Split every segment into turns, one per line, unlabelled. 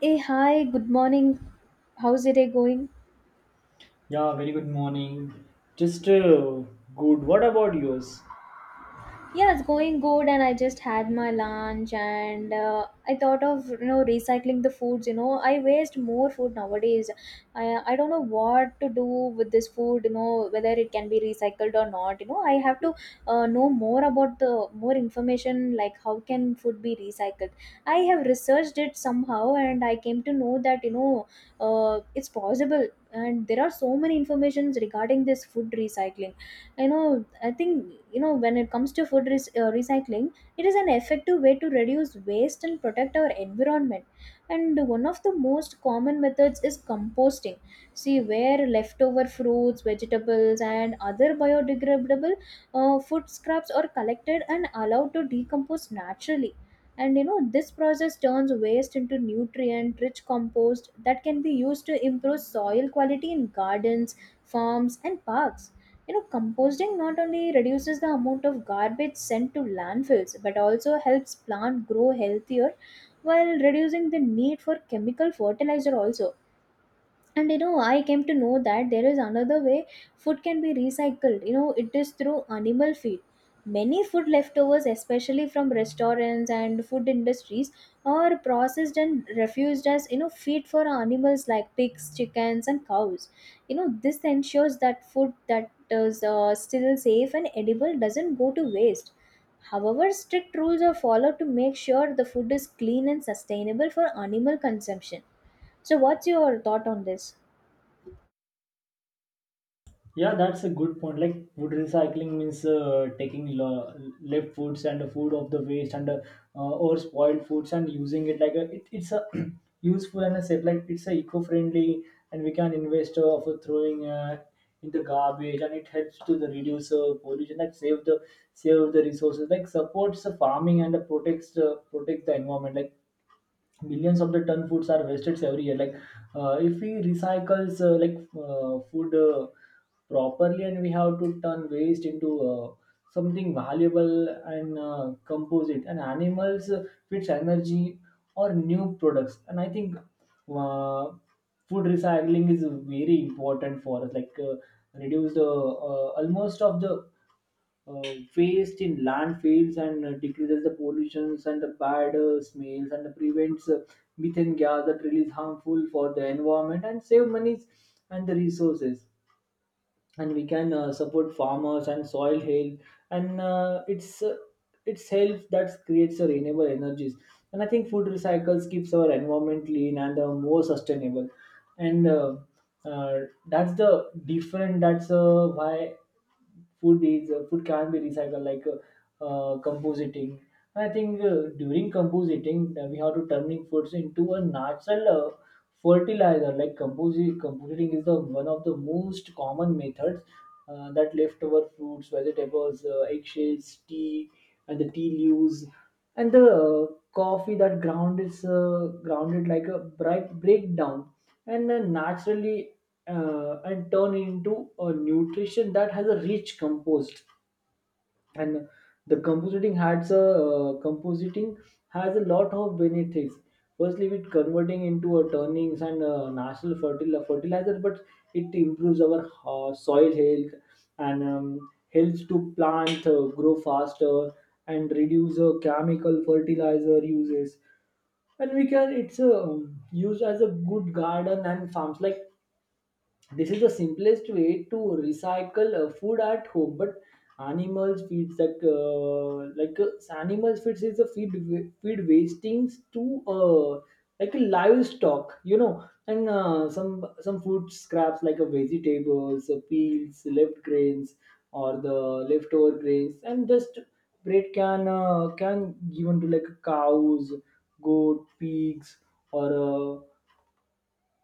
Hey, hi, good morning. How's your day going?
Yeah, very good morning. Just Good. What about yours?
Yeah, it's going good, and I just had my lunch, and I thought of recycling the foods. You know, I waste more food nowadays. I don't know what to do with this food, you know, whether it can be recycled or not. You know, I have to know more about the more information, like how can food be recycled. I have researched it somehow and I came to know that it's possible and there are so many informations regarding this food recycling. You know, I think, you know, when it comes to food recycling, it is an effective way to reduce waste and protect our environment. And one of the most common methods is composting. See, where leftover fruits, vegetables, and other biodegradable food scraps are collected and allowed to decompose naturally. And you know, this process turns waste into nutrient rich compost that can be used to improve soil quality in gardens, farms, and parks. You know, composting not only reduces the amount of garbage sent to landfills, but also helps plant grow healthier while reducing the need for chemical fertilizer also. And you know, I came to know that there is another way food can be recycled. You know, it is through animal feed. Many food leftovers, especially from restaurants and food industries, are processed and refused as, you know, feed for animals like pigs, chickens, and cows. You know, this ensures that food that is still safe and edible doesn't go to waste. However, strict rules are followed to make sure the food is clean and sustainable for animal consumption. So what's your thought on this?
Yeah, that's a good point. Like food recycling means taking left foods and the food of the waste and or spoiled foods and using it like a, it's a useful and a safe. Like it's a eco-friendly and we can invest of throwing in the garbage, and it helps to the reduce pollution that save the resources, like supports the farming and protect the environment, like billions of the ton foods are wasted every year. Like if we recycles like food properly, and we have to turn waste into something valuable and composite and animals fits energy or new products. And I think food recycling is very important for us. Like reduce the almost of the waste in landfills and decreases the pollutions and the bad smells, and prevents methane gas that really is harmful for the environment, and save monies and the resources. And we can support farmers and soil health. And it's It's health that creates the renewable energies. And I think food recycles keeps our environment clean and more sustainable. And uh, that's the different, that's why food is food can be recycled, like compositing. I think during compositing we have to turning foods into a natural fertilizer. Like compositing is the one of the most common methods that leftover fruits, vegetables, eggshells, tea and the tea leaves and the coffee that ground is grounded like a breakdown, and then naturally and turn into a nutrition that has a rich compost. And the compositing has a lot of benefits. Firstly, with converting into a turnings and natural fertilizer, but it improves our soil health, and helps to plant grow faster and reduce chemical fertilizer uses. And we can, it's used as a good garden and farms. Like this is the simplest way to recycle food at home. But animals feeds that like animals feeds is a feed wastings to like a livestock, you know, and some food scraps like a vegetables, peels, left grains or the leftover grains, and just bread can given to like cows, goat, pigs, or uh,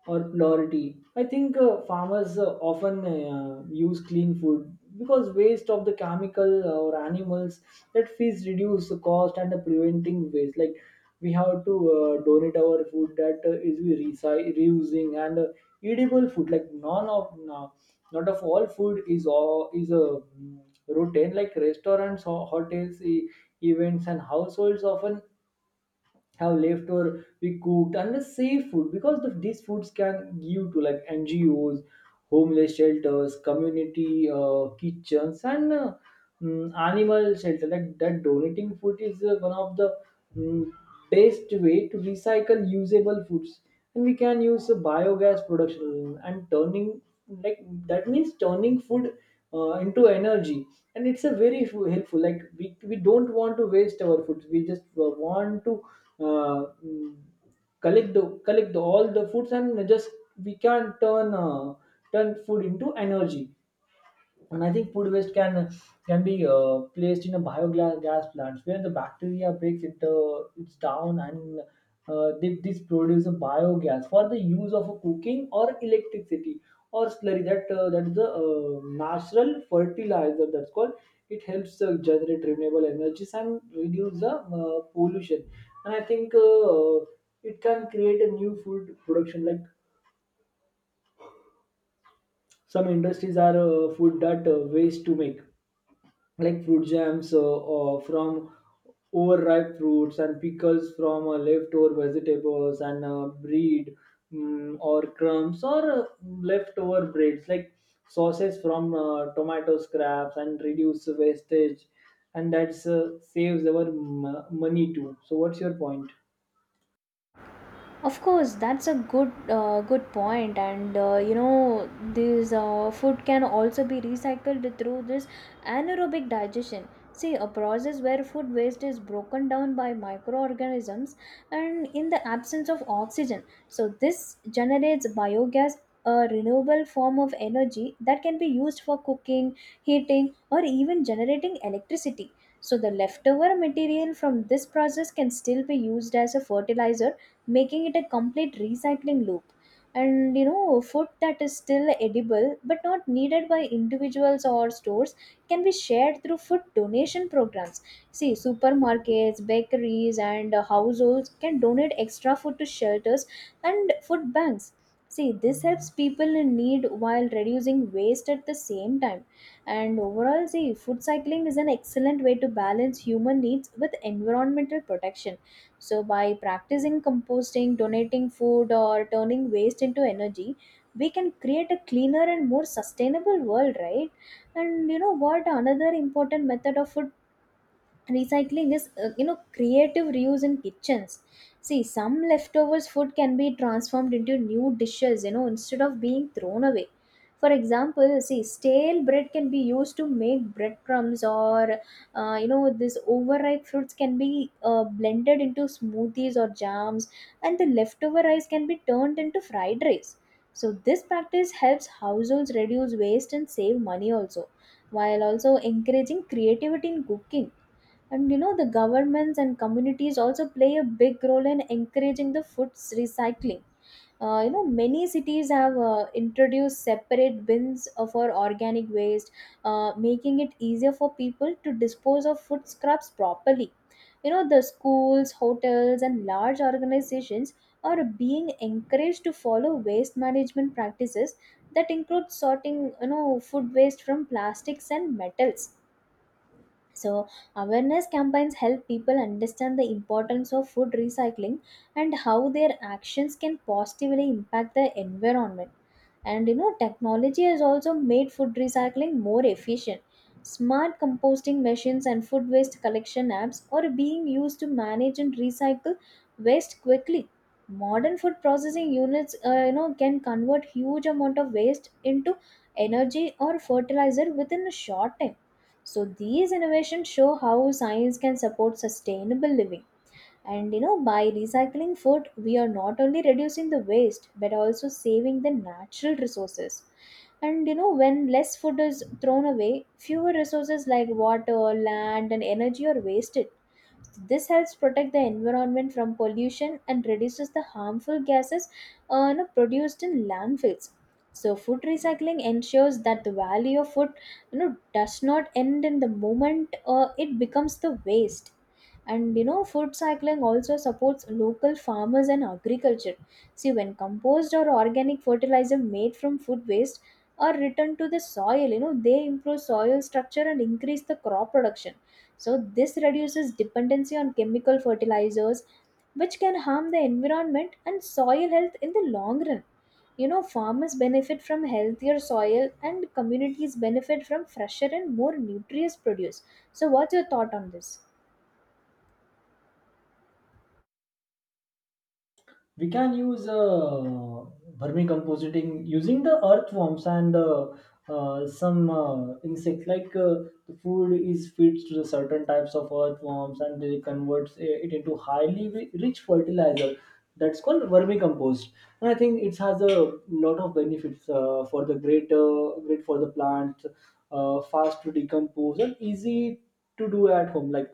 or polarity. I think farmers often use clean food, because waste of the chemical or animals that fees reduce the cost and the preventing waste. Like we have to donate our food that is we reusing and edible food. Like none of no, not of all food is all is a mm, routine. Like restaurants, hotels, events, and households often have left or we cooked and the safe food, because these foods can give to like NGOs, homeless shelters, community kitchens, and animal shelter. That donating food is one of the mm, best way to recycle usable foods. And we can use biogas production and turning, like that means turning food into energy. And it's a very helpful, like we don't want to waste our food, we just want to uh, mm, collect the all the foods, and just we can turn food into energy. And I think food waste can be placed in a bioglass gas plants where the bacteria breaks it's down, and this produce a biogas for the use of a cooking or electricity or slurry that is the natural fertilizer, that's called. It helps generate renewable energies and reduce the pollution. And I think it can create a new food production, like some industries are food that waste to make like fruit jams, from overripe fruits, and pickles from leftover vegetables, and bread, or crumbs, or leftover breads, like sauces from tomato scraps, and reduce wastage. And that's saves our money too. So what's your point?
Of course, that's a good point, and you know, this food can also be recycled through this anaerobic digestion. See, a process where food waste is broken down by microorganisms and in the absence of oxygen. So this generates biogas, a renewable form of energy that can be used for cooking, heating, or even generating electricity. So the leftover material from this process can still be used as a fertilizer, making it a complete recycling loop. And you know, food that is still edible but not needed by individuals or stores can be shared through food donation programs. See, supermarkets, bakeries, and households can donate extra food to shelters and food banks. See, this helps people in need while reducing waste at the same time. And overall, see, food cycling is an excellent way to balance human needs with environmental protection. So, by practicing composting, donating food, or turning waste into energy, we can create a cleaner and more sustainable world, right? And you know what? Another important method of food recycling is you know, creative reuse in kitchens. See, some leftovers food can be transformed into new dishes, you know, instead of being thrown away. For example, see, stale bread can be used to make breadcrumbs, or you know, this overripe fruits can be blended into smoothies or jams, and the leftover rice can be turned into fried rice. So this practice helps households reduce waste and save money also, while also encouraging creativity in cooking. And you know, the governments and communities also play a big role in encouraging the food recycling. You know, many cities have introduced separate bins for organic waste, making it easier for people to dispose of food scraps properly. You know, the schools, hotels, and large organizations are being encouraged to follow waste management practices that include sorting, you know, food waste from plastics and metals. So, awareness campaigns help people understand the importance of food recycling and how their actions can positively impact the environment. And you know, technology has also made food recycling more efficient. Smart composting machines and food waste collection apps are being used to manage and recycle waste quickly. Modern food processing units, you know, can convert huge amount of waste into energy or fertilizer within a short time, so these innovations show how science can support sustainable living. And you know, by recycling food, we are not only reducing the waste, but also saving the natural resources. And you know, when less food is thrown away, fewer resources like water, land, and energy are wasted. This helps protect the environment from pollution and reduces the harmful gases you know, produced in landfills. So, food recycling ensures that the value of food, you know, does not end in the moment it becomes the waste. And you know, food cycling also supports local farmers and agriculture. See, when compost or organic fertilizer made from food waste are returned to the soil, you know, they improve soil structure and increase the crop production. So this reduces dependency on chemical fertilizers, which can harm the environment and soil health in the long run. You know, farmers benefit from healthier soil and communities benefit from fresher and more nutritious produce. So what's your thought on this?
We can use vermicomposting using the earthworms and some insects. Like the food is feeds to the certain types of earthworms, and they converts it into highly rich fertilizer, that's called vermicompost. And I think it has a lot of benefits for the great great for the plant, fast to decompose and easy to do at home. Like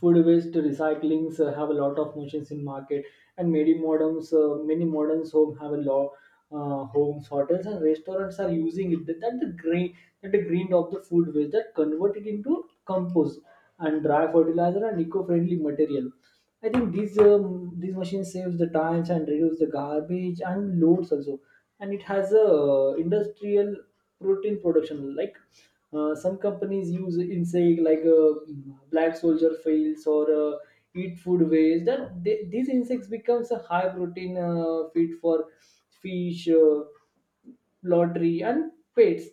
food waste recyclings have a lot of machines in market, and many moderns home have a lot, homes, hotels, and restaurants are using it. The green, that the green of the food waste that convert it into compost and dry fertilizer and eco-friendly material. I think these machines saves the times and reduce the garbage and loads also. And it has a industrial protein production, like some companies use insect like black soldier fails or eat food waste, that these insects becomes a high protein feed for fish, lottery, and pets.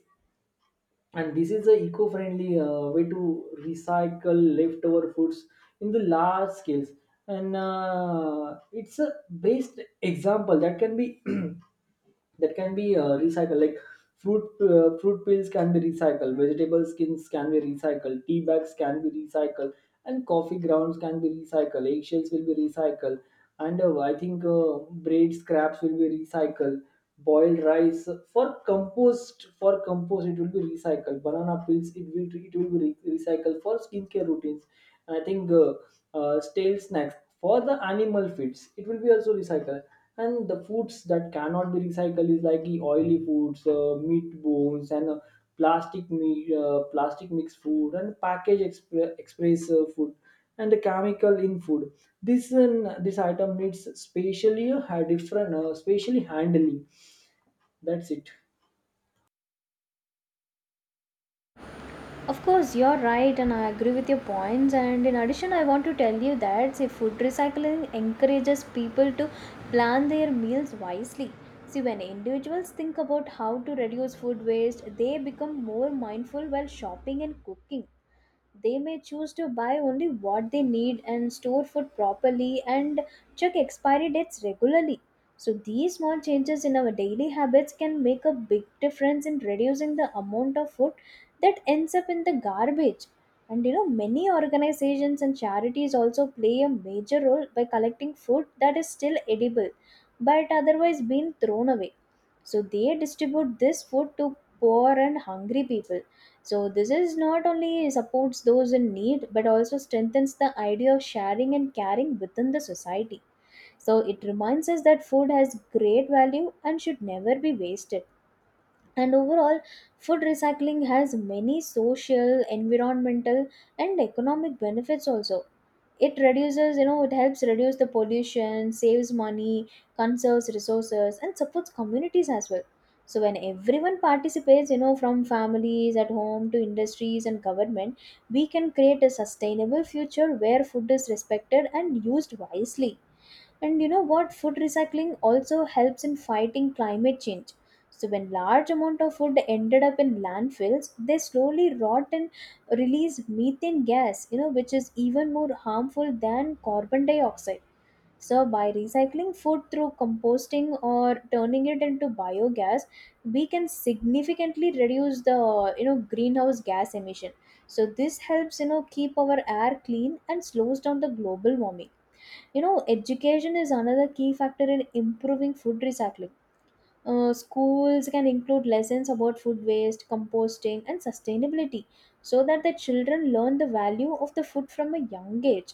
And this is a eco-friendly way to recycle leftover foods in the large scales. And it's a best example that can be that can be recycled. Like fruit peels can be recycled, vegetable skins can be recycled, tea bags can be recycled, and coffee grounds can be recycled, eggshells will be recycled. And I think braid scraps will be recycled, boiled rice for compost it will be recycled, banana peels it will be recycled for skincare routines. And I think stale snacks for the animal feeds it will be also recycled. And the foods that cannot be recycled is like the oily foods, meat bones, and plastic mixed food, and package express food, and the chemical in food. This item needs specially a different specially handling. That's it.
Of course, you're right, and I agree with your points. And in addition, I want to tell you that, see, food recycling encourages people to plan their meals wisely. See, when individuals think about how to reduce food waste, they become more mindful while shopping and cooking. They may choose to buy only what they need and store food properly and check expiry dates regularly. So, these small changes in our daily habits can make a big difference in reducing the amount of food that ends up in the garbage. And you know, many organizations and charities also play a major role by collecting food that is still edible but otherwise being thrown away. So, they distribute this food to poor and hungry people. So this is not only supports those in need, but also strengthens the idea of sharing and caring within the society. So it reminds us that food has great value and should never be wasted. And overall, food recycling has many social, environmental, and economic benefits also. It reduces, you know, it helps reduce the pollution, saves money, conserves resources, and supports communities as well. So when everyone participates, you know, from families at home to industries and government, we can create a sustainable future where food is respected and used wisely. And you know what? Food recycling also helps in fighting climate change. So when large amount of food ended up in landfills, they slowly rot and release methane gas, you know, which is even more harmful than carbon dioxide. So by recycling food through composting or turning it into biogas, we can significantly reduce the, you know, greenhouse gas emission. So this helps, you know, keep our air clean and slows down the global warming. You know, education is another key factor in improving food recycling. Schools can include lessons about food waste, composting, and sustainability, so that the children learn the value of the food from a young age.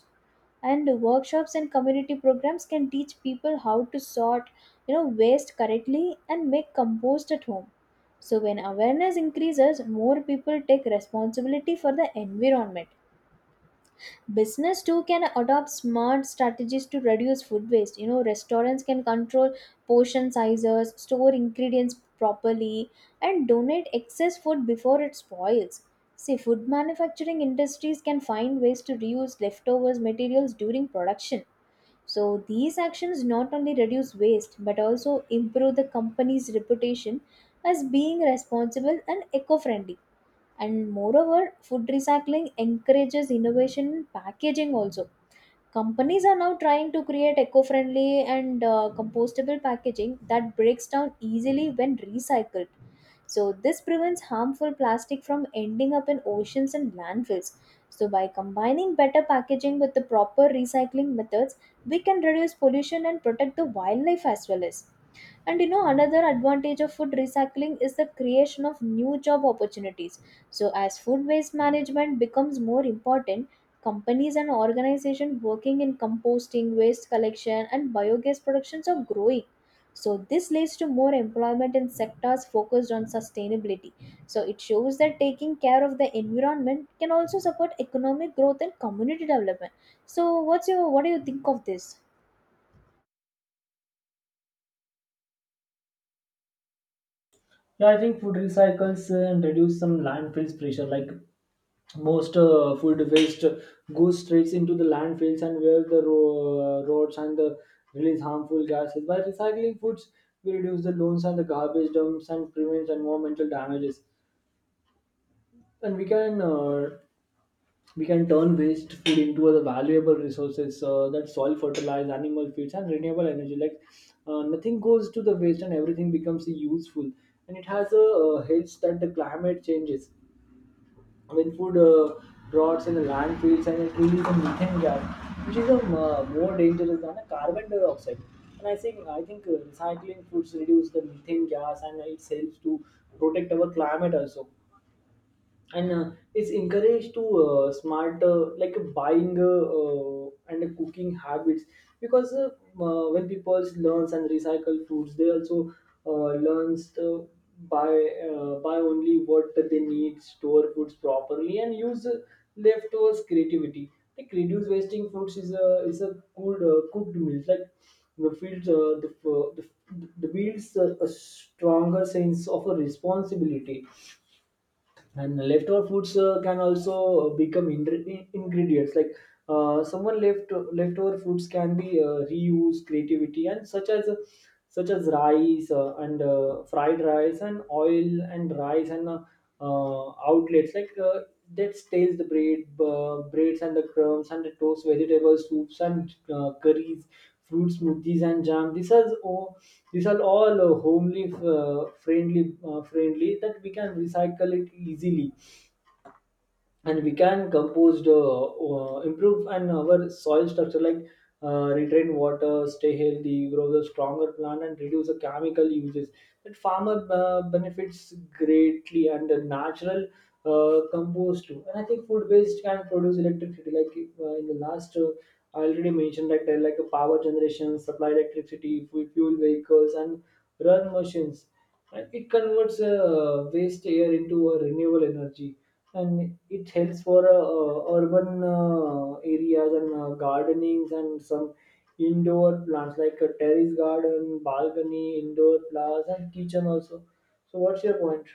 And workshops and community programs can teach people how to sort, you know, waste correctly and make compost at home. So when awareness increases, more people take responsibility for the environment. Business too can adopt smart strategies to reduce food waste. You know, restaurants can control portion sizes, store ingredients properly, and donate excess food before it spoils. See, food manufacturing industries can find ways to reuse leftovers materials during production. So these actions not only reduce waste, but also improve the company's reputation as being responsible and eco-friendly. And moreover, food recycling encourages innovation in packaging also. Companies are now trying to create eco friendly and compostable packaging that breaks down easily when recycled. So, this prevents harmful plastic from ending up in oceans and landfills. So, by combining better packaging with the proper recycling methods, we can reduce pollution and protect the wildlife as well. As and you know, another advantage of food recycling is the creation of new job opportunities. So as food waste management becomes more important, companies and organizations working in composting, waste collection, and biogas productions are growing. So this leads to more employment in sectors focused on sustainability. So it shows that taking care of the environment can also support economic growth and community development. So what do you think of this?
Yeah, I think food recycles and reduce some landfills pressure. Like most food waste goes straight into the landfills, and where the roads and the release harmful gases. By recycling foods, we reduce the loans and the garbage dumps, and prevent environmental damages. And we can turn waste food into other valuable resources, that soil fertilize, animal feeds, and renewable energy. Like nothing goes to the waste, and everything becomes useful. And it has a helps that the climate changes. With food rots in the landfills, and it releases a methane gas, which is a more dangerous than a carbon dioxide. And I think recycling foods reduce the methane gas, and it helps to protect our climate also. And it's encouraged to smart like buying and cooking habits, because when people learns and recycle foods, they also learns to buy only what they need, store foods properly, and use leftovers creativity. Like reduce wasting foods is a good cooked meal. Like the fields the builds a stronger sense of a responsibility. And leftover foods can also become ingredients. Like someone left leftover foods can be reused creativity, and such as rice, and fried rice, and oil and rice, and outlets, like that stays the breads and the crumbs and the toast, vegetables soups and curries, fruit smoothies and jam. These are all homely, friendly, friendly, that we can recycle it easily. And we can compost, improve and our soil structure, like retain water, stay healthy, grow the stronger plant, and reduce the chemical uses, that farmer benefits greatly, and the natural compost too. And I think food waste can produce electricity, like in the last I already mentioned that like a power generation, supply electricity, fuel vehicles, and run machines. And it converts waste air into a renewable energy. And it helps for urban areas, and gardenings, and some indoor plants, like a terrace garden, balcony, indoor plants, and kitchen also. So what's your point?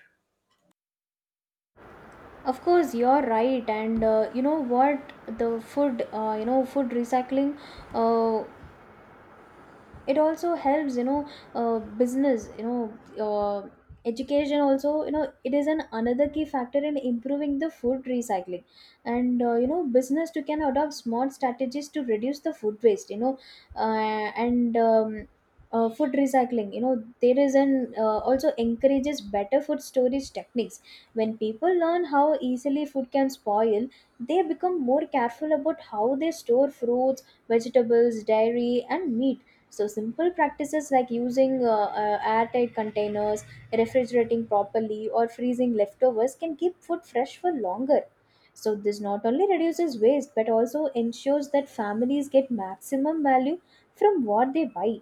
Of course, you're right, and you know what? The food, food recycling uh, it also helps, you know, business, you know, uh, education also, you know, it is an another key factor in improving the food recycling. And business too can adopt smart strategies to reduce the food waste, you know. And Food recycling, you know, there is an also encourages better food storage techniques. When people learn how easily food can spoil, they become more careful about how they store fruits, vegetables, dairy and meat. So simple practices like using airtight containers, refrigerating properly, or freezing leftovers can keep food fresh for longer. So this not only reduces waste but also ensures that families get maximum value from what they buy.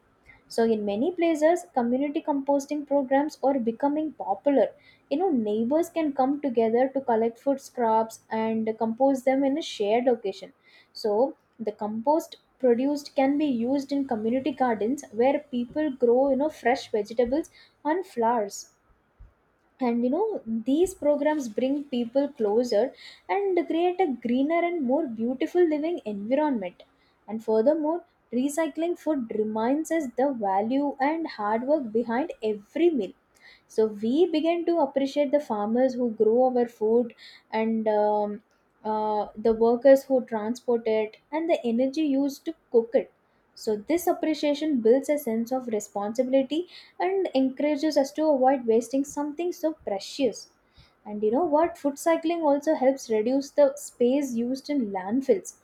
So in many places, community composting programs are becoming popular. You know, neighbors can come together to collect food scraps and compose them in a shared occasion. So the compost produced can be used in community gardens where people grow, you know, fresh vegetables and flowers. And you know, these programs bring people closer and create a greener and more beautiful living environment. And furthermore, recycling food reminds us the value and hard work behind every meal. So we begin to appreciate the farmers who grow our food and the workers who transport it and the energy used to cook it. So this appreciation builds a sense of responsibility and encourages us to avoid wasting something so precious. And you know what, food cycling also helps reduce the space used in landfills.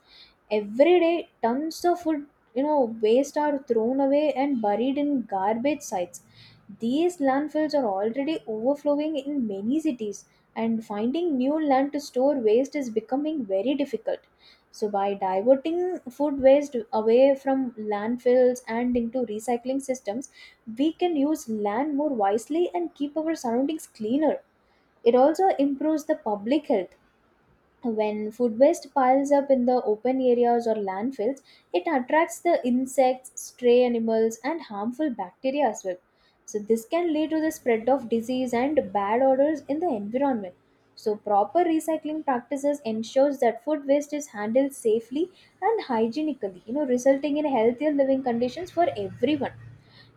Every day, tons of food, you know, waste are thrown away and buried in garbage sites. These landfills are already overflowing in many cities, and finding new land to store waste is becoming very difficult. So, by diverting food waste away from landfills and into recycling systems, we can use land more wisely and keep our surroundings cleaner. It also improves the public health. When food waste piles up in the open areas or landfills, it attracts the insects, stray animals, and harmful bacteria as well. So, this can lead to the spread of disease and bad odors in the environment. So, proper recycling practices ensures that food waste is handled safely and hygienically, you know, resulting in healthier living conditions for everyone.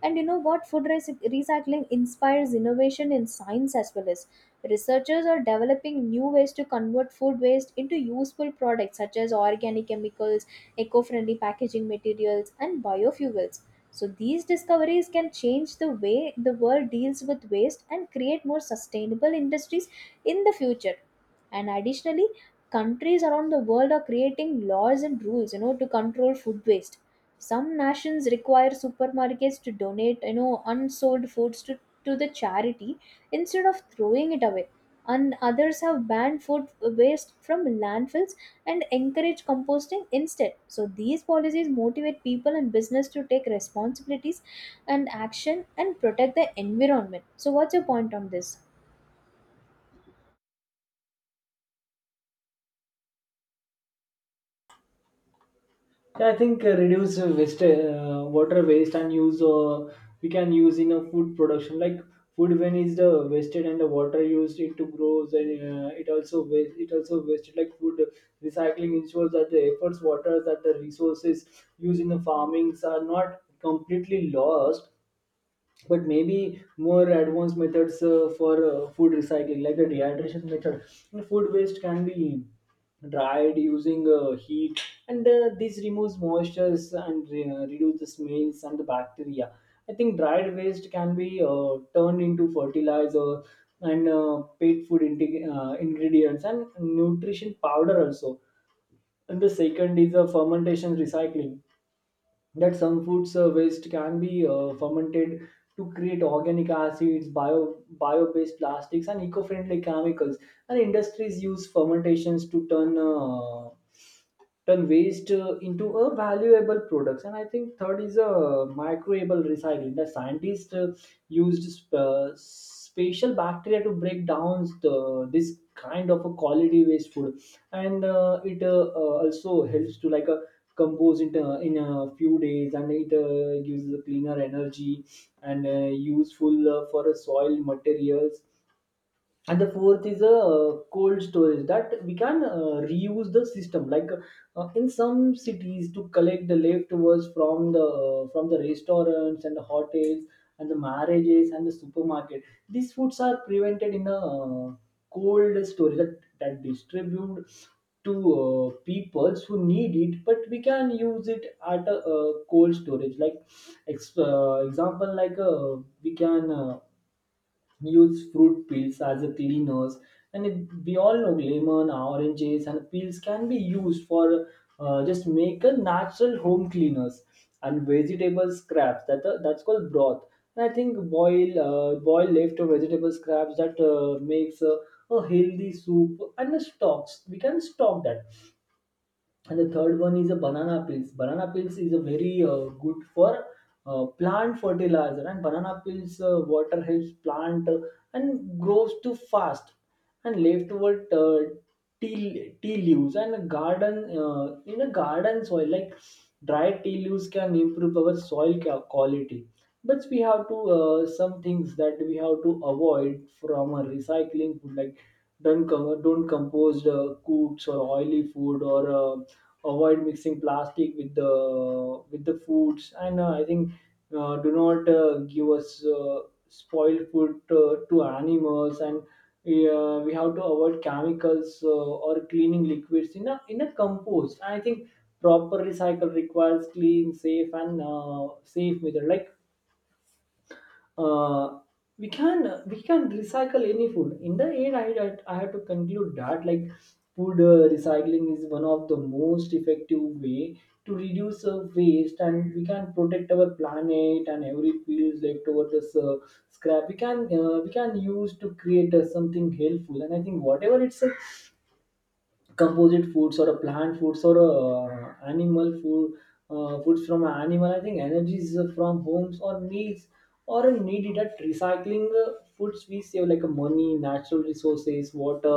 And you know what? Recycling inspires innovation in science as well as researchers are developing new ways to convert food waste into useful products such as organic chemicals, eco friendly packaging materials, and biofuels. So, these discoveries can change the way the world deals with waste and create more sustainable industries in the future. And additionally, countries around the world are creating laws and rules, you know, to control food waste. Some nations require supermarkets to donate, you know, unsold foods to the charity instead of throwing it away, and others have banned food waste from landfills and encourage composting instead. So these policies motivate people and business to take responsibilities and action and protect the environment. So what's your point on this?
Yeah, I think reduce waste, water waste and use. We can use in a food production, like food when is the wasted and the water used it to grow. Then it also waste. It also wasted. Like, food recycling ensures that the efforts, waters, that the resources used in the farmings are not completely lost, but maybe more advanced methods for food recycling like the dehydration method. And food waste can be dried using heat, and this removes moistures and reduce the smells and the bacteria. I think dried waste can be turned into fertilizer and pet food ingredients and nutrition powder also. And the second is fermentation recycling, that some foods waste can be fermented to create organic acids, bio based plastics, and eco friendly chemicals. And industries use fermentations to turn waste into a valuable products. And I think third is a microbial recycling. The scientists used special bacteria to break down the, this kind of a quality waste food. And it also helps to like a compose it in a few days, and it gives a cleaner energy and useful for a soil materials. And the fourth is a cold storage, that we can reuse the system like in some cities to collect the leftovers from the restaurants and the hotels and the marriages and the supermarket. These foods are prevented in a cold storage that, that distribute to peoples who need it. But we can use it at a, cold storage like example. Like we can use fruit peels as a cleaners, and it, we all know lemon oranges and peels can be used for just make a natural home cleaners. And vegetable scraps that that's called broth. And I think boil leftover vegetable scraps that makes a healthy soup and the stocks, we can stock that. And the third one is a banana peels. Banana peels is a very good for plant fertilizer, and banana peels water helps plant and grows too fast. And leftward tea leaves and a garden in a garden soil, like dry tea leaves can improve our soil quality. But we have to some things that we have to avoid from a recycling food, like don't compose cooked or oily food, or avoid mixing plastic with the foods. And I think do not give us spoiled food to animals. And we have to avoid chemicals or cleaning liquids in a compost, I think. Proper recycle requires clean safe and safe method, like uh, we can recycle any food. In the end, I I have to conclude that like food recycling is one of the most effective way to reduce waste, and we can protect our planet. And every piece left over this scrap, we can use to create something helpful. And I think whatever it's composite foods or a plant foods or a animal food foods from an animal, I think energies from homes or meals or a needed at recycling foods, we save like money, natural resources, water,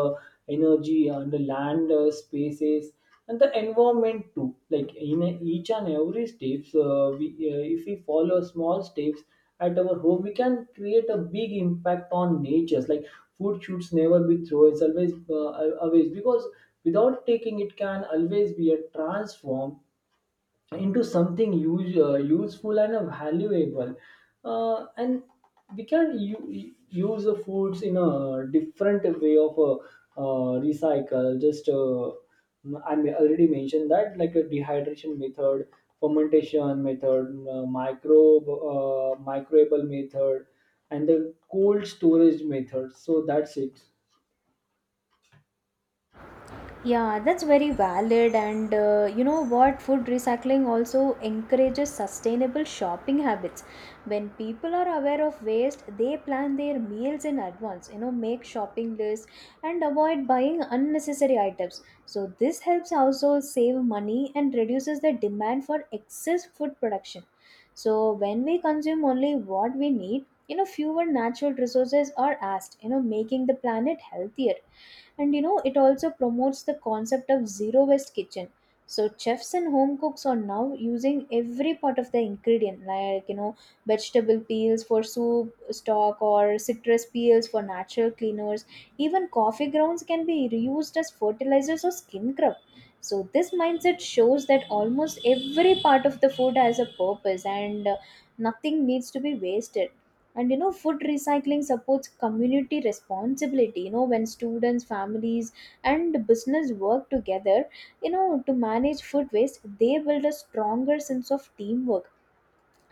energy, and the land spaces and the environment too. Like in each and every steps we if we follow small steps at our home, we can create a big impact on nature. Like food should never be thrown, it's always always, because without taking it can always be a transform into something useful and valuable. And we can use the foods in a different way of recycle. Just I may already mentioned that like a dehydration method, fermentation method, microbe microbial method, and the cold storage method. So that's it.
Yeah, that's very valid. And you know what? Food recycling also encourages sustainable shopping habits. When people are aware of waste, they plan their meals in advance, you know, make shopping lists and avoid buying unnecessary items. So, this helps households save money and reduces the demand for excess food production. So, when we consume only what we need, you know, fewer natural resources are asked, you know, making the planet healthier. And you know it also promotes the concept of zero waste kitchen. So chefs and home cooks are now using every part of the ingredient, like, you know, vegetable peels for soup stock or citrus peels for natural cleaners. Even coffee grounds can be reused as fertilizers or skin scrub. So this mindset shows that almost every part of the food has a purpose and nothing needs to be wasted. And you know, food recycling supports community responsibility. You know, when students, families and business work together, you know, to manage food waste, they build a stronger sense of teamwork.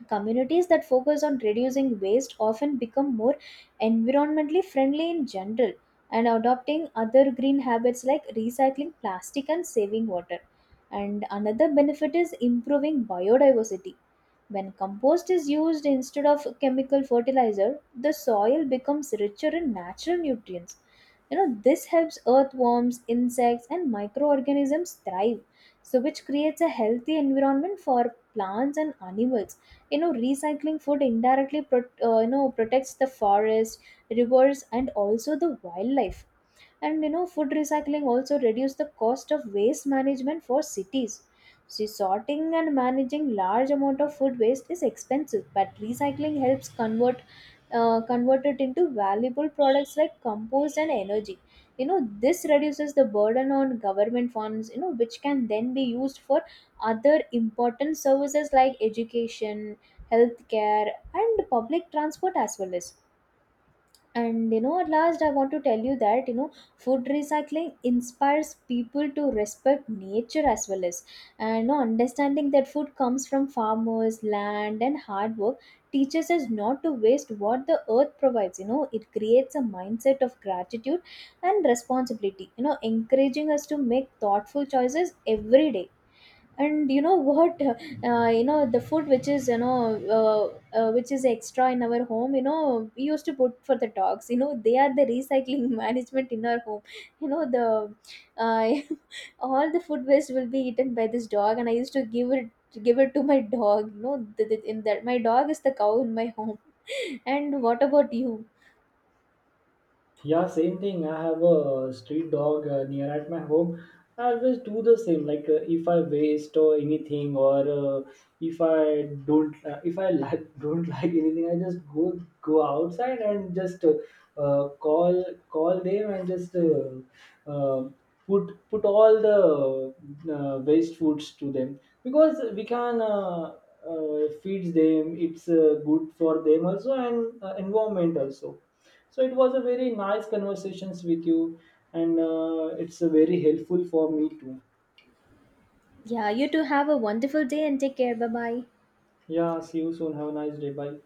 Communities that focus on reducing waste often become more environmentally friendly in general, and adopting other green habits like recycling plastic and saving water. And another benefit is improving biodiversity. When compost is used instead of chemical fertilizer, the soil becomes richer in natural nutrients. You know, this helps earthworms, insects, and microorganisms thrive, so which creates a healthy environment for plants and animals. You know, recycling food indirectly you know protects the forest, rivers, and also the wildlife. And you know, food recycling also reduce the cost of waste management for cities. So sorting and managing large amount of food waste is expensive, but recycling helps convert convert it into valuable products like compost and energy. You know, this reduces the burden on government funds, you know, which can then be used for other important services like education, healthcare, and public transport as well as. And you know, at last I want to tell you that, you know, food recycling inspires people to respect nature as well as. And you know, understanding that food comes from farmers, land and hard work teaches us not to waste what the earth provides. You know, it creates a mindset of gratitude and responsibility, you know, encouraging us to make thoughtful choices every day. And you know what, the food which is, you know, uh, which is extra in our home, you know, we used to put for the dogs. You know, they are the recycling management in our home, you know the uh, all the food waste will be eaten by this dog and I used to give it to my dog. You know, in that my dog is the cow in my home. And what about you?
Yeah, same thing. I have a street dog near at my home. I always do the same. Like if I waste or anything, or if I don't, if I like don't like anything, I just go outside and just uh, call call them and just uh, put all the waste foods to them, because we can. Feeds them, it's good for them also and environment also. So it was a very nice conversations with you, and it's very helpful for me too.
Yeah, you too, have a wonderful day and take care, bye bye.
Yeah, see you soon, have a nice day, bye.